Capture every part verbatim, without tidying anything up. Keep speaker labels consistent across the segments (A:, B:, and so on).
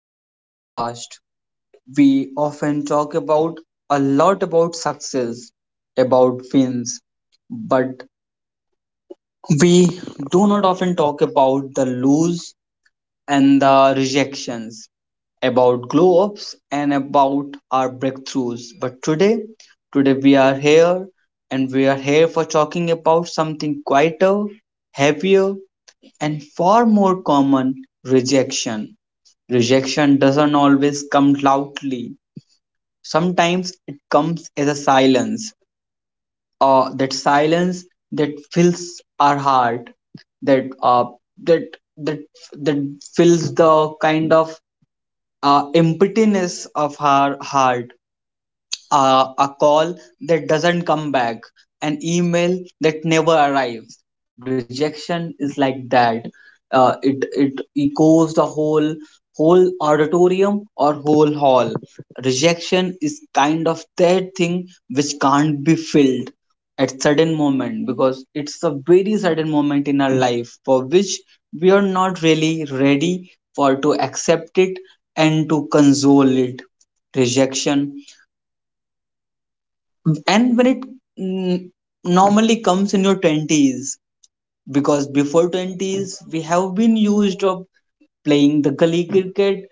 A: to our podcast. We often talk about a lot about success, about wins, but we do not often talk about the lose and the rejections, about glow ups and about our breakthroughs. But today, today we are here, and we are here for talking about something quieter, heavier, and far more common: rejection rejection doesn't always come loudly. Sometimes it comes as a silence, uh, that silence that fills our heart, that uh, that that that fills the kind of uh, emptiness of our heart, uh, a call that doesn't come back, an email that never arrives. Rejection is like that. Uh, it it echoes the whole whole auditorium or whole hall. Rejection is kind of that thing which can't be filled at certain moment, because it's a very sudden moment in our life for which we are not really ready for to accept it and to console it. Rejection, and when it mm, normally comes in your twenties, because before twenties we have been used of playing the gully cricket,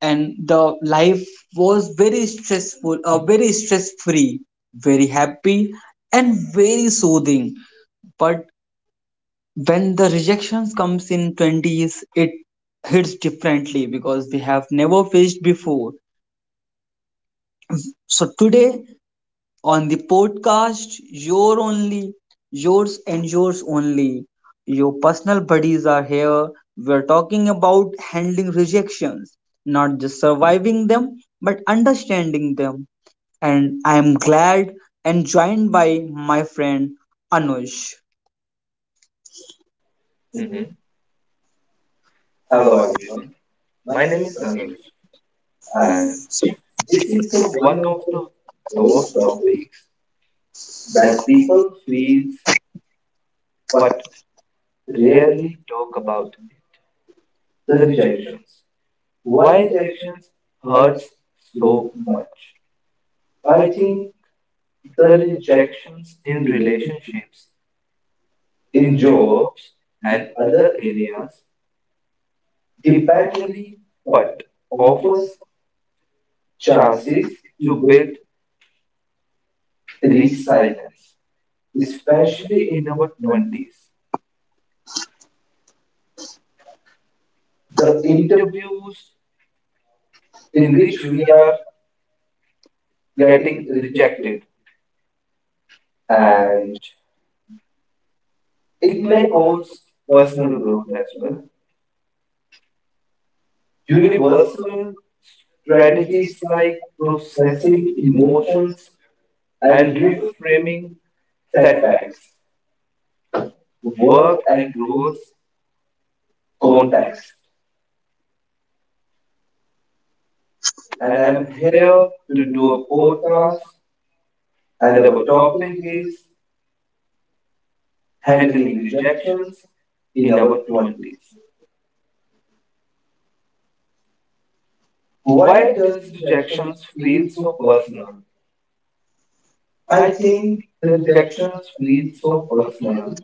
A: and the life was very stressful uh, very stress free, very happy, and very soothing. But when the rejections comes in twenties, it hits differently because we have never faced before. So today on the podcast, your only, yours and yours only. Your personal buddies are here. We're talking about handling rejections, not just surviving them, but understanding them. And I am glad and joined by my friend Anush.
B: Mhm. Hello everyone.
A: My name
B: My name
A: is
B: is
A: Anil,
B: Anuj,
A: and
B: and
A: this is the
B: this is the
A: one
B: one
A: of
B: of
A: the
B: the
A: great
B: those
A: topics
B: topics
A: that
B: that
A: people,
B: people
A: feel
B: feels
A: but
B: but
A: rarely
B: rarely talk
A: know,
B: about it.
A: the
B: The
A: rejection.
B: rejections.
A: Why
B: Why
A: rejection
B: rejections
A: hurts
B: hurts
A: both
B: so
A: minds?
B: much?
A: I
B: I
A: think
B: think
A: the
B: the
A: rejection
B: rejections in
A: related
B: relationships,
A: in
B: in
A: job
B: jobs,
A: and
B: and
A: other
B: other
A: areas
B: areas
A: depending
B: dependently
A: on
B: but
A: offers
B: offers
A: chances
B: chances
A: to
B: to
A: build
B: build
A: resilience,
B: resilience, especially
A: especially in
B: in
A: this
B: our
A: country.
B: twenties.
A: The
B: The
A: interview
B: interviews
A: in
B: in
A: which
B: which
A: we
B: we
A: are
B: are
A: getting
B: getting
A: rejected,
B: rejected, and
A: and it
B: it
A: may
B: may
A: cause
B: cause
A: personal
B: personal
A: growth
B: growth
A: as
B: as
A: well.
B: well.
A: Universal
B: Universal
A: strategies
B: strategies
A: like
B: like
A: processing
B: processing
A: emotions
B: emotions
A: and
B: and
A: reframe
B: reframing
A: setbacks,
B: setbacks
A: work
B: work
A: and use
B: across
A: context.
B: context.
A: And
B: And I
A: I'm
B: am
A: here
B: here
A: to
B: to do
A: do
B: a
A: a podcast
B: podcast,
A: and
B: and our
A: about talking
B: topic
A: is
B: is
A: handling
B: handling
A: rejections
B: rejections
A: in
B: in our
A: our twenties.
B: twenties.
A: Why
B: Why
A: does
B: does
A: rejections
B: rejections
A: feel
B: feel
A: so
B: so
A: personal?
B: personal?
A: I
B: I
A: think
B: think
A: the
B: the
A: rejections
B: rejections
A: feel
B: feel
A: so
B: so
A: personal
B: personal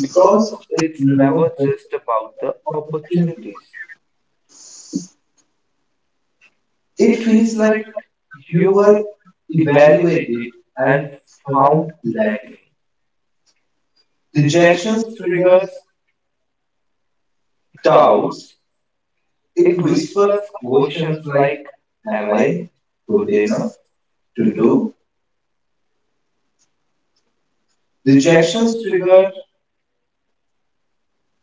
B: because
A: it's
B: it's
A: never
B: never
A: just
B: just about the
A: about the feeling.
B: opportunities.
A: It
B: It
A: feels
B: feels
A: like
B: like
A: you
B: you were
A: were evaluated
B: evaluated
A: and
B: and found
A: found lacking.
B: lacking.
A: Rejections
B: Rejections
A: triggers
B: triggers
A: doubts,
B: doubts.
A: it
B: It
A: whispers
B: whispers
A: questions
B: questions
A: like,
B: like,
A: am
B: am
A: I
B: I
A: good
B: good
A: enough
B: enough
A: to
B: to do?
A: do? Rejections
B: Rejections
A: trigger
B: trigger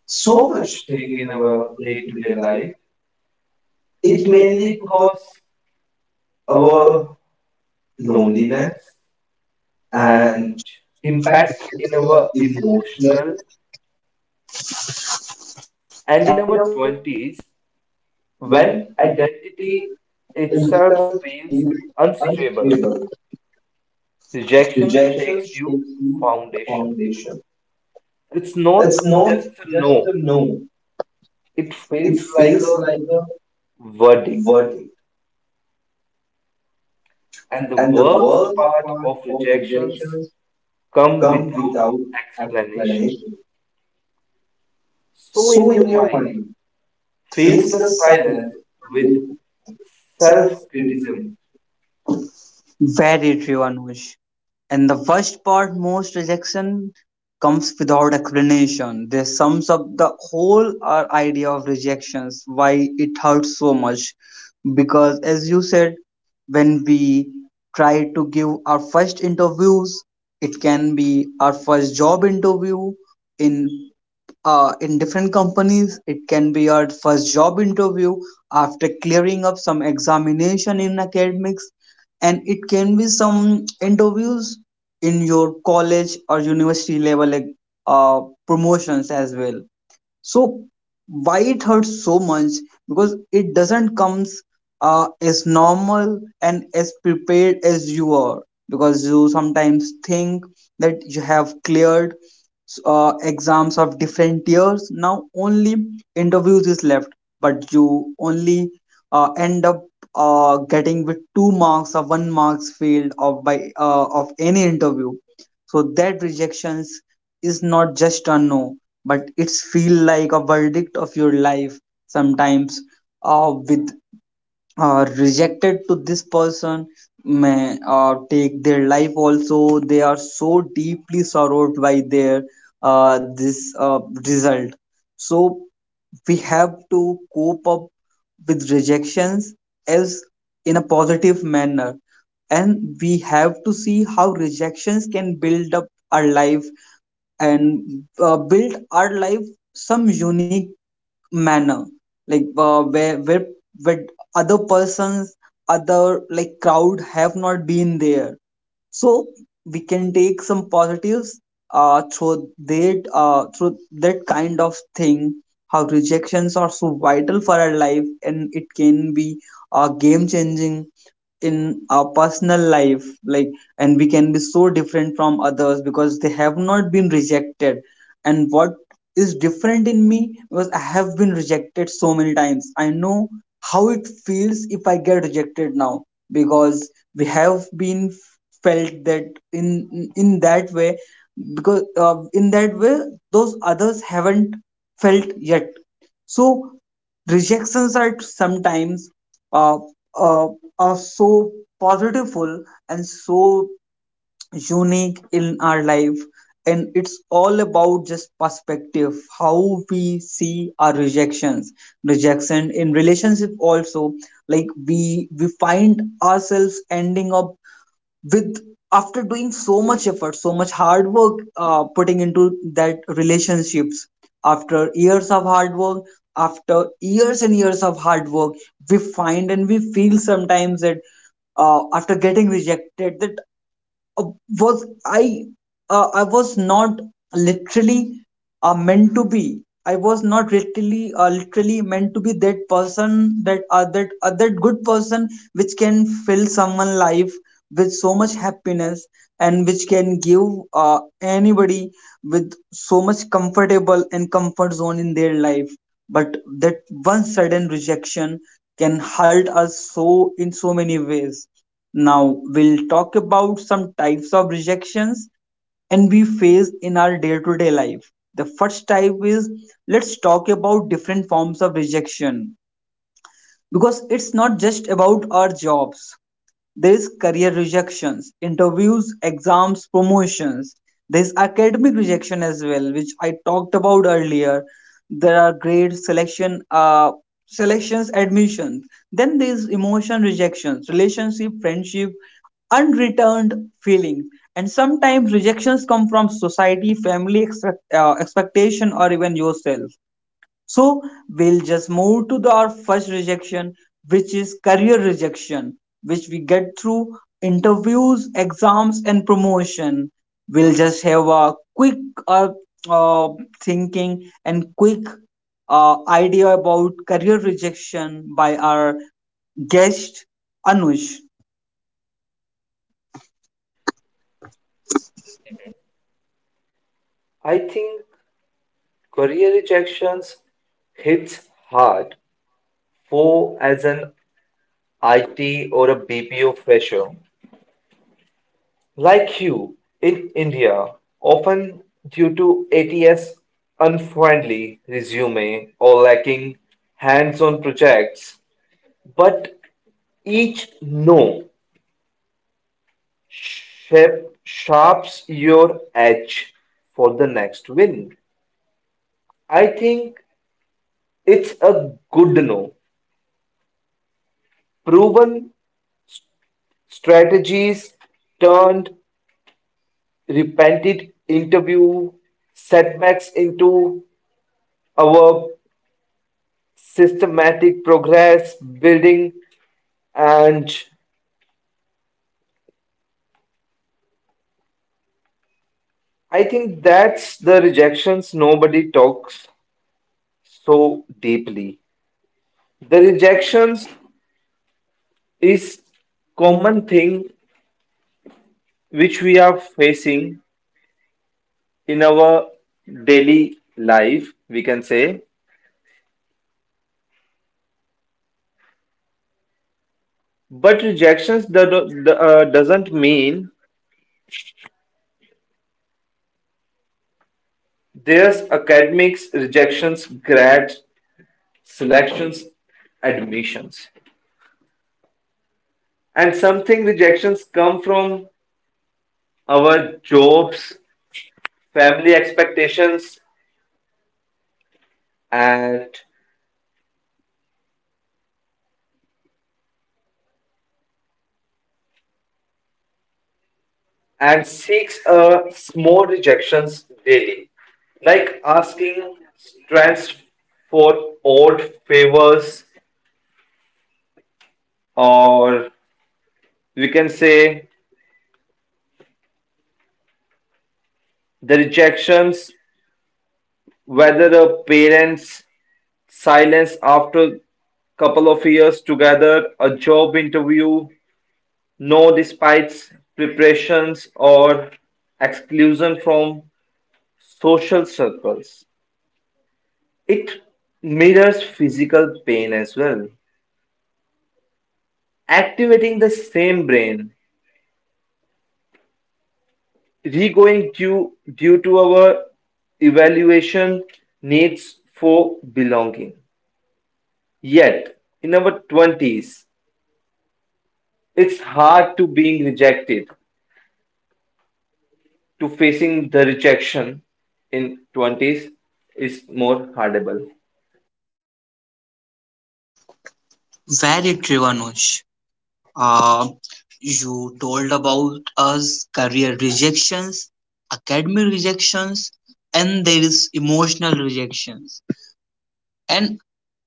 A: so
B: so
A: much
B: much
A: thing
B: thing
A: in
B: in
A: our
B: our
A: day to day
B: day-to-day
A: life.
B: life.
A: It
B: It
A: mainly
B: mainly
A: causes
B: causes our
A: our loneliness
B: loneliness and
A: and impacts
B: impact in
A: our
B: our
A: emotions,
B: emotional and in
A: and in
B: our
A: our
B: twenties when
A: when identity
B: identity itself
A: itself
B: feels
A: feels
B: unstable.
A: unstable.
B: Rejection
A: Rejection
B: shakes you
A: shakes the
B: foundation.
A: foundation.
B: It's not
A: It's not
B: just a
A: just a
B: no.
A: no,
B: It
A: it
B: feels like
A: feels like a
B: a verdict.
A: verdict.
B: And the
A: And the
B: worst
A: worst
B: part
A: part
B: of
A: of
B: rejections
A: rejections
B: come
A: come
B: without
A: without
B: explanation.
A: explanation.
B: So, in
A: So in
B: your
A: your
B: mind,
A: mind,
B: fills
A: face
B: the
A: the
B: silence
A: silence
B: with
A: with
B: self criticism.
A: self-criticism. Very true, Anush. And the worst part, most rejection comes without explanation. This sums up the whole our idea of rejections, why it hurts so much. Because as you said, when we try to give our first interviews, it can be our first job interview in uh, in different companies. It can be our first job interview after clearing up some examination in academics, and it can be some interviews in your college or university level, like uh, promotions as well. So why it hurts so much? Because it doesn't comes uh, as normal and as prepared as you are. Because you sometimes think that you have cleared uh, exams of different years. Now only interviews is left, but you only uh, end up uh, getting with two marks or one marks failed of by uh, of any interview. So that rejections is not just a no, but it's feel like a verdict of your life, sometimes uh, with uh, rejected to this person may uh, take their life also. They are so deeply sorrowed by their uh, this uh, result. So we have to cope up with rejections as in a positive manner, and we have to see how rejections can build up our life, and uh, build our life some unique manner, like uh, where where where other persons, other like crowd, have not been there. So we can take some positives uh, through that uh, through that kind of thing, how rejections are so vital for our life, and it can be uh, game changing in our personal life, like, and we can be so different from others because they have not been rejected. And what is different in me, because i have been rejected so many times, i know how it feels if i get rejected now, because we have been felt that in in that way, because uh, in that way those others haven't felt yet. So rejections are sometimes uh, uh, are so positiveful and so unique in our life, and it's all about just perspective how we see our rejections. Rejection in relationship also, like we we find ourselves ending up with, after doing so much effort, so much hard work, uh, putting into that relationships, after years of hard work, after years and years of hard work, we find and we feel sometimes that, uh, after getting rejected, that uh, was I, uh, I was not literally uh, meant to be. I was not literally, uh, literally meant to be that person, that uh, that uh, that good person which can fill someone's life with so much happiness, and which can give uh, anybody with so much comfortable and comfort zone in their life. But that one sudden rejection can hurt us so in so many ways. Now, we'll talk about some types of rejections and we face in our day to day life. The first type is, let's talk about different forms of rejection, because it's not just about our jobs. There's career rejections, interviews, exams, promotions. There's academic rejection as well, which I talked about earlier. There are grade selection, uh, selections, admissions. Then there's emotion rejections, relationship, friendship, unreturned feelings. And sometimes rejections come from society, family expect, uh, expectation, or even yourself. So we'll just move to the, our first rejection, which is career rejection, which we get through interviews, exams, and promotion. We'll just have a quick uh, uh, thinking and quick uh, idea about career rejection by our guest Anush.
B: I think career rejections hits hard for as an I T or a B P O fresher like you in India, often due to A T S unfriendly resume or lacking hands on projects. But each no shape sharps your edge for the next win. I think it's a good no. Proven strategies turned repented interview setbacks into our systematic progress building, and I think that's the rejections nobody talks so deeply. The rejections is common thing which we are facing in our daily life, we can say. But rejections do, do- do- uh, doesn't mean there's academics, rejections, grads, selections, admissions. And something rejections come from our jobs, family expectations, and and seeks a small rejections daily like asking strengths for odd favors, or we can say the rejections whether a parent's silence after couple of years together a job interview no despite preparations or exclusion from social circles. It mirrors physical pain as well, activating the same brain regoing due due to our evaluation needs for belonging. Yet, in our twenties, it's hard to being rejected. To facing the rejection in twenties is more hardable.
A: Very true, Anush. Uh, you told about us career rejections, academic rejections, and there is emotional rejections, and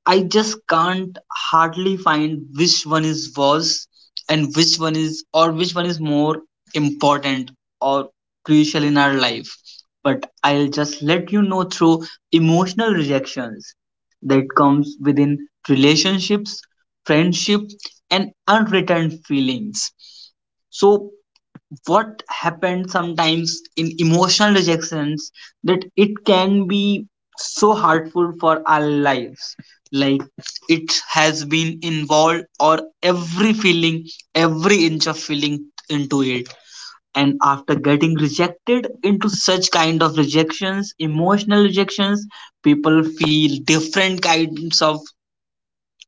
A: I just can't hardly find which one is worse and which one is, or which one is more important or crucial in our life. But I'll just let you know through emotional rejections that comes within relationships, friendship, and unreturned feelings. So what happens sometimes in emotional rejections, that it can be so hurtful for our lives, like it has been involved or every feeling, every inch of feeling into it. And after getting rejected into such kind of rejections, emotional rejections, people feel different kinds of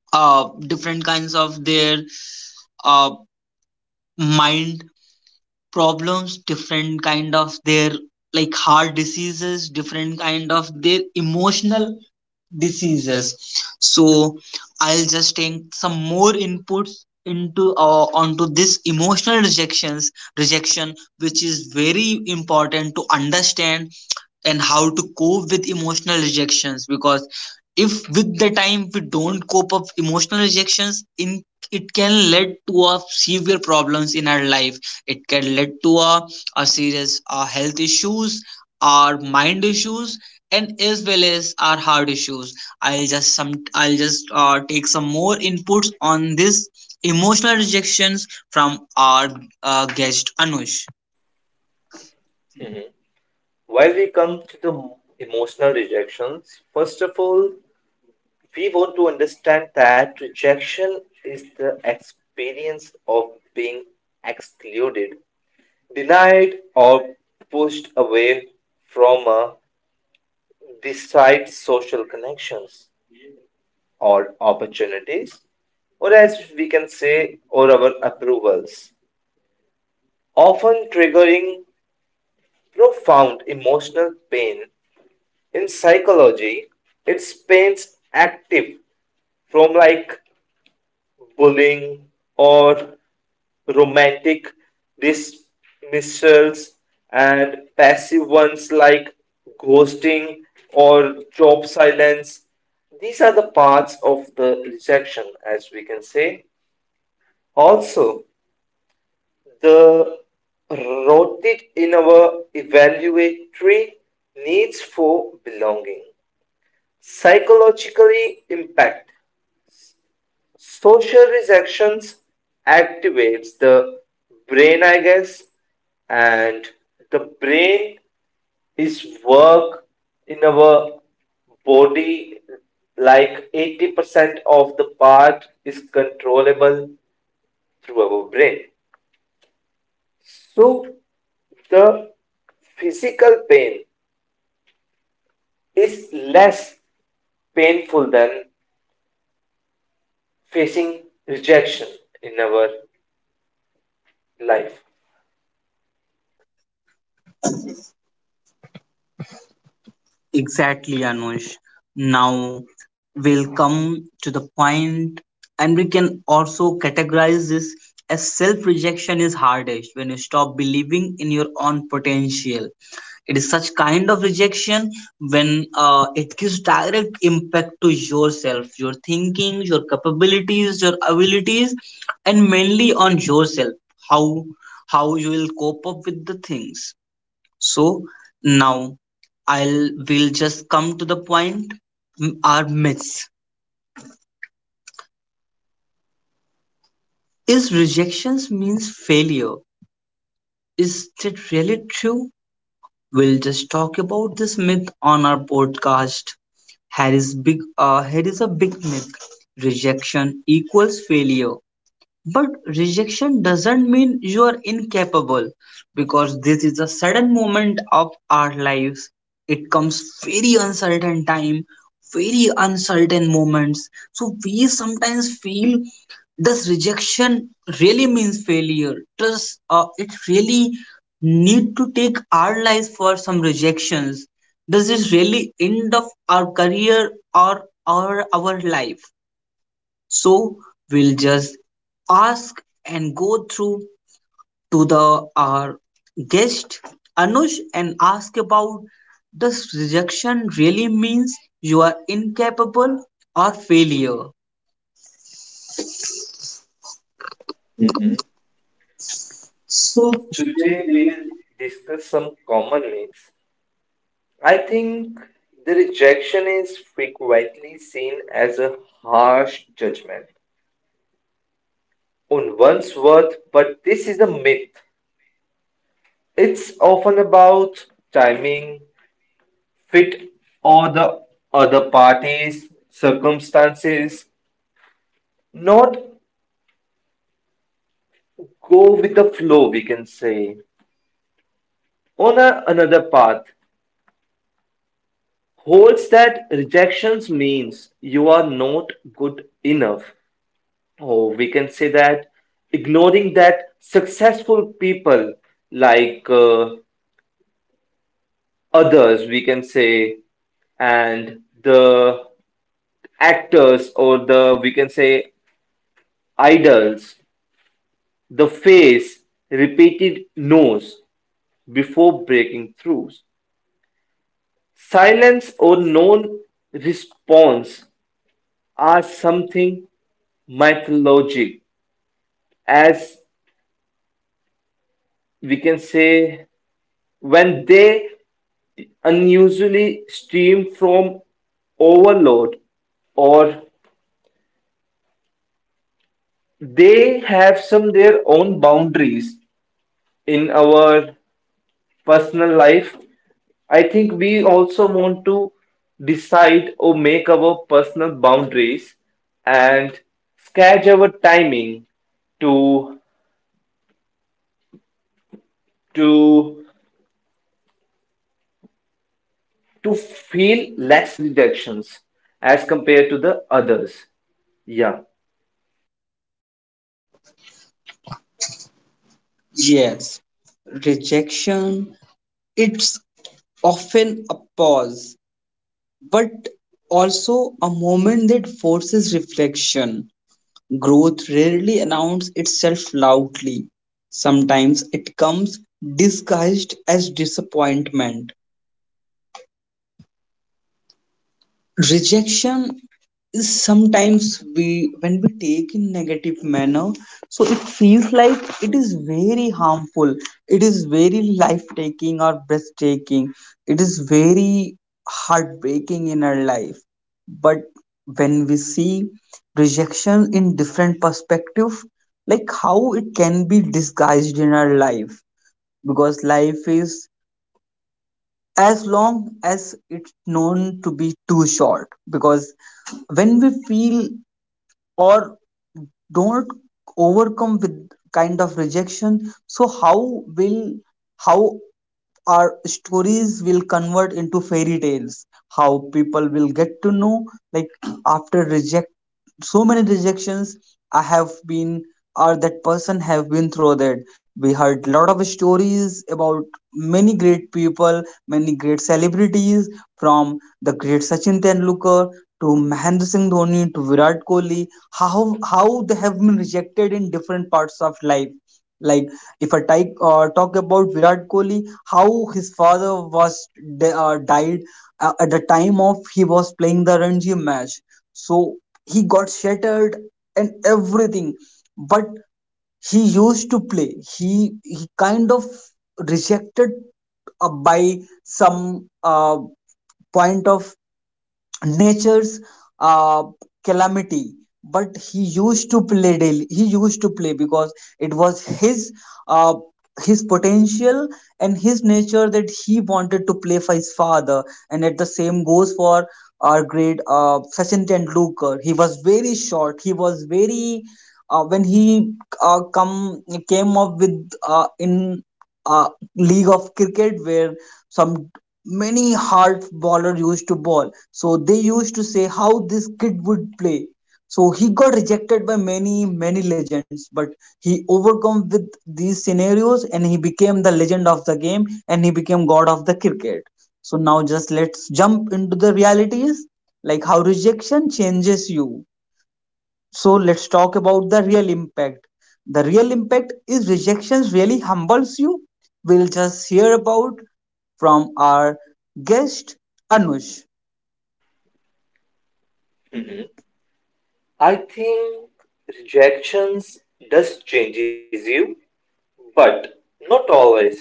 A: uh different kinds of their uh mind problems, different kind of their like heart diseases, different kind of their emotional diseases. So I'll just take some more inputs into, uh, onto this emotional rejections rejection, which is very important to understand, and how to cope with emotional rejections, because if with the time we don't cope up emotional rejections in, it can lead to a severe problems in our life. It can lead to a, a serious uh, health issues, our mind issues, and as well as our heart issues. I'll just some, I'll just uh, take some more inputs on this emotional rejections from our uh, guest anush
B: While we come to the emotional rejections, first of all, we want to understand that rejection is the experience of being excluded, denied, or pushed away from a desired social connections, or opportunities, or as we can say, or our approvals, often triggering profound emotional pain. In psychology, it's pains active from like bullying or romantic dismissals and passive ones like ghosting or job silence. These are the parts of the rejection, as we can say. Also, the rooted in our evaluatory needs for belonging, psychologically impact. Social rejections activates the brain, I guess, and the brain is work in our body like eighty percent of the part is controllable through our brain. So the physical pain is less painful than facing rejection in our life.
A: Exactly, Anush. Now we'll come to the point, and we can also categorize this as self rejection is hardest when you stop believing in your own potential. It is such kind of rejection when uh, it gives direct impact to yourself, your thinking, your capabilities, your abilities, and mainly on yourself, how how you will cope up with the things. So now I'll will just come to the point. M- Our myths. Is rejections means failure? Is that really true? We'll just talk about this myth on our podcast. Here is big uh, here is a big myth. Rejection equals failure. But rejection doesn't mean you are incapable, because this is a sudden moment of our lives. It comes very uncertain time, very uncertain moments. So we sometimes feel, does rejection really means failure? Does uh, it really need to take our lives for some rejections? Does it really end of our career or our, our life? So we'll just ask and go through to the our guest Anush and ask about, does rejection really means you are incapable or failure? So
B: So
A: today
B: today
A: we
B: we will
A: will—
B: discuss some common myths. I think the rejection is frequently seen as a harsh judgment on one's worth, but this is a myth. It's often about timing, fit or the other party's circumstances, not go with the flow, we can say. On a, another path, holds that rejections means you are not good enough. Or we can say that ignoring that successful people like uh, others, we can say, and the actors or the, we can say, idols the face repeated no's before breaking through. Silence or non-response are something mythologic, as we can say, when they unusually stem from overload or they have some their own boundaries in our personal life. I think we also want to decide or make our personal boundaries and schedule our timing to to to feel less rejections as compared to the others. Yeah.
A: yes, rejection, it's often a pause, but also a moment that forces reflection. Growth rarely announces itself loudly; sometimes it comes disguised as disappointment. Rejection is sometimes we when we take in negative manner, so it feels like it is very harmful, it is very life taking or breathtaking, it is very heartbreaking in our life. But when we see rejection in different perspective, like how it can be disguised in our life, because life is as long as it's known to be too short, because when we feel or don't overcome with kind of rejection, so how will how our stories will convert into fairy tales, how people will get to know, like after reject so many rejections I have been or that person have been through that. We heard lot of stories about many great people, many great celebrities, from the great Sachin Tendulkar to Mahendra Singh Dhoni to Virat Kohli, how how they have been rejected in different parts of life. Like if I type, uh, talk about Virat Kohli, how his father was de- uh, died uh, at the time of he was playing the Ranji match. So he got shattered and everything, but he used to play, he he kind of rejected uh, by some uh, point of nature's uh, calamity. But he used to play daily, he used to play because it was his uh, his potential and his nature that he wanted to play for his father. And at the same goes for our great uh, Sachin Tendulkar, he was very short, he was very uh, when he uh, come came up with uh, in uh, league of cricket where some many hard baller used to ball. So they used to say how this kid would play. So he got rejected by many, many legends, but he overcome with these scenarios and he became the legend of the game and he became god of the cricket. So now just let's jump into the realities, like how rejection changes you. So let's talk about the real impact. The real impact is rejections really humbles you. We'll just hear about from our guest Anush. Mhm.
B: Hmm. I think rejections does changes you, but not always.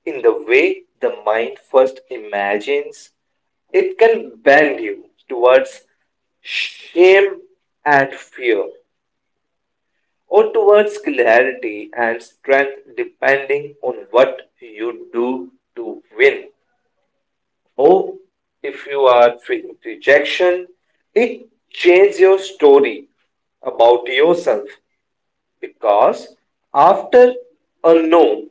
B: In the way the mind first imagines, it can bend you towards shame and fear, or towards clarity and strength, depending on what you do to win. Or if you are feeling rejection, it changes your story about yourself because after a no,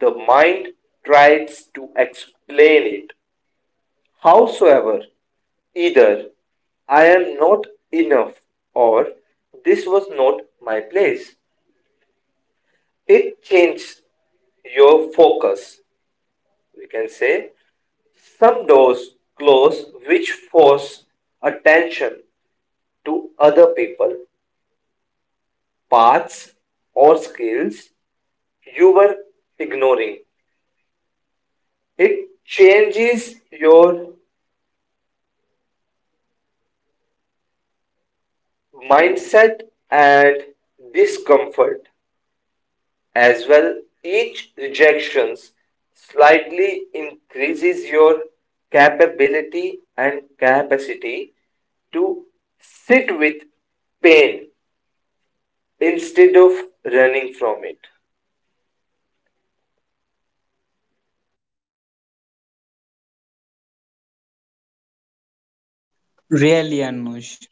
B: the mind tries to explain it howsoever, either "I am not enough" or "This was not my place", it changes your focus. We can say some doors close which force attention to other people, paths, or skills you were ignoring. It changes your mindset and discomfort. As well, each rejection slightly increases your capability and capacity to sit with pain instead of running from it.
A: Really, Anush,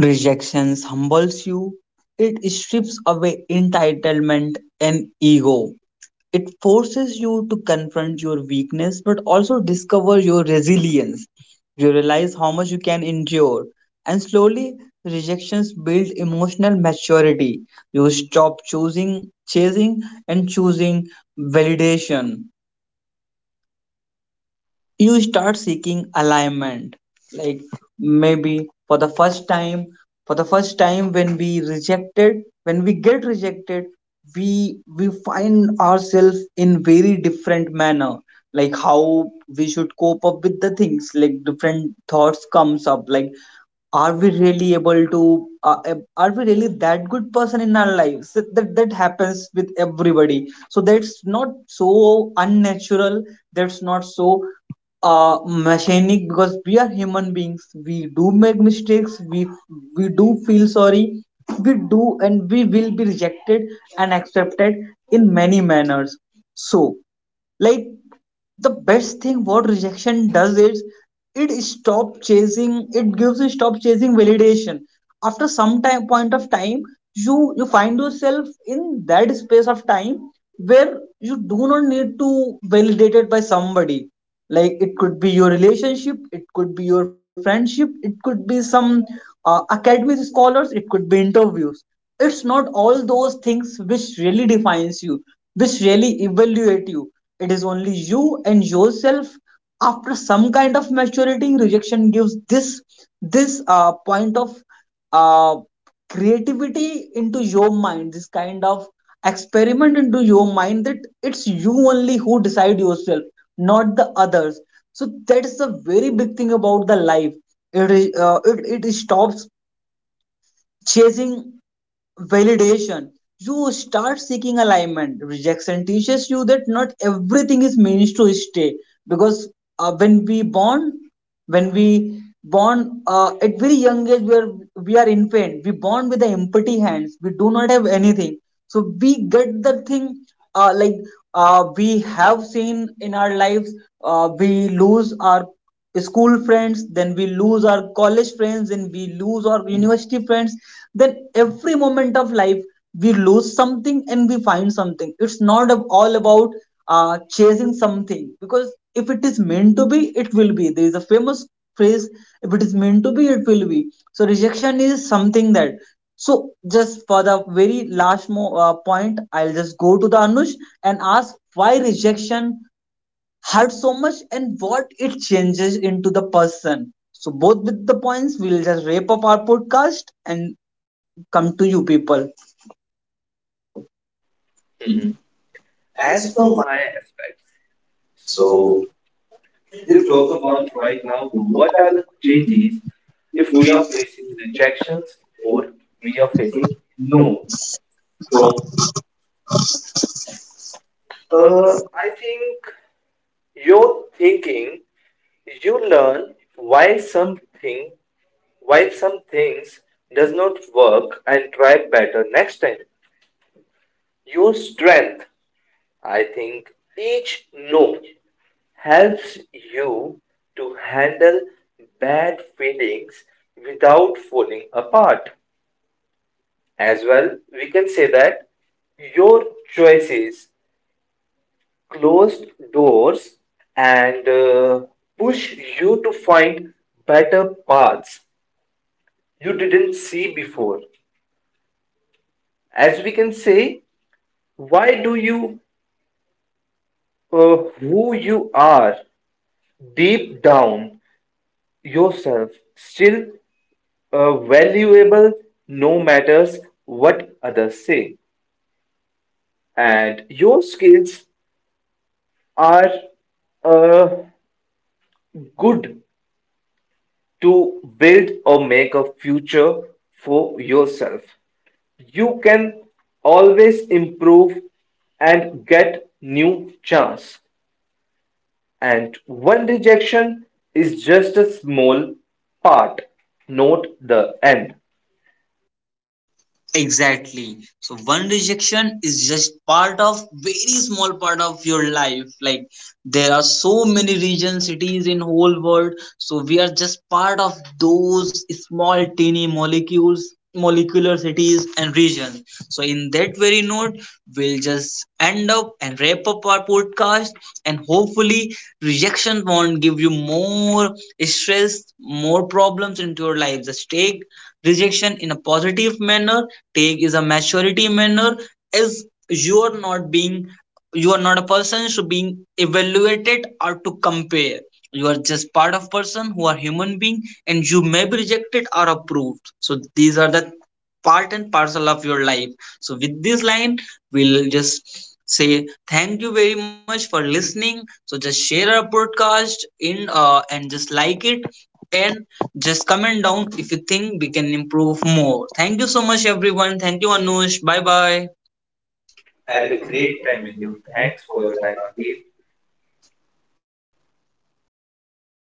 A: rejections humbles you. It strips away entitlement and ego. It forces you to confront your weakness but also discover your resilience. You realize how much you can endure, and slowly rejections build emotional maturity. You stop choosing, chasing and choosing validation. You start seeking alignment. Like maybe for the first time, for the first time when we rejected, when we get rejected, we we find ourselves in very different manner, like how we should cope up with the things, like different thoughts comes up like are we really able to uh, ab- are we really that good person in our lives that, that that happens with everybody, so that's not so unnatural, that's not so uh, mechanic, because we are human beings, we do make mistakes, we we do feel sorry, we do, and we will be rejected and accepted in many manners. So like the best thing what rejection does is it stop chasing, it gives you stop chasing validation. After some time, point of time, you you find yourself in that space of time where you do not need to validate it by somebody. Like it could be your relationship, it could be your friendship, it could be some uh, academic scholars, it could be interviews. It's not all those things which really defines you, which really evaluate you. It is only you and yourself. After some kind of maturity, rejection gives this this uh, point of uh, creativity into your mind, this kind of experiment into your mind that it's you only who decide yourself, not the others. So that's a very big thing about the life. It is uh, it, it stops chasing validation. You start seeking alignment. Rejection teaches you that not everything is meant to stay, because uh, when we born, when we born uh, at very young age, we are, we are infant. We born with the empty hands, we do not have anything, so we get the thing, uh, like uh, we have seen in our lives, uh, we lose our school friends, then we lose our college friends, then we lose our university friends, then every moment of life we lose something and we find something. It's not ab- all about uh, chasing something, because if it is meant to be, it will be. There is a famous phrase, if it is meant to be, it will be. So rejection is something that, so just for the very last mo- uh, point, I'll just go to the Anush and ask why rejection hurt so much and what it changes into the person. So, both with the points, we'll just wrap up our podcast and come to you people. Mhm.
B: As
A: As
B: per
A: for my-
B: my aspects,
A: so
B: so
A: you
B: you
A: talk
B: talk
A: about
B: about
A: right
B: right now
A: now,
B: the-
A: what
B: what
A: are
B: are
A: the
B: the
A: things
B: changes
A: you
B: if
A: don't
B: we
A: have a
B: are
A: thing
B: facing
A: to
B: rejections or we are
A: do your
B: facing
A: Facebook? No.
B: no from. Uh,
A: Uh,
B: I think your thinking. You learn why something why some things does not work and try better next time. Your strength, I think, each no helps you to handle bad feelings without falling apart. As well, we can say that your choices closed doors and uh, push you to find better paths you didn't see before. As we can say, why do you, uh, who you are deep down yourself, still uh, valuable no matters what others say. And your skills are uh, good to build or make a future for yourself. You can always improve and get new chance. And one rejection is just a small part. Note the end.
A: Exactly. So one rejection is just part of very small part of your life. Like there are so many regions, cities in whole world. So we are just part of those small tiny molecules, molecular cities and regions. So in that very note, we'll just end up and wrap up our podcast podcast. And hopefully, rejection won't give you more stress, more problems into your life. Just take rejection in a positive manner, take is a maturity manner, as you are not being, you are not a person should being evaluated or to compare, you are just part of person who are human being, and you may be rejected or approved, so these are the part and parcel of your life. So, with this line, we'll just say thank you very much for listening. So, just share our podcast in uh, and just like it, and just comment down if you think we can improve more. Thank you so much, everyone. Thank you, Anush. Bye bye. Had
B: Had
A: a
B: a
A: great
B: great time with you.
A: time.
B: Thanks for your time, Akif.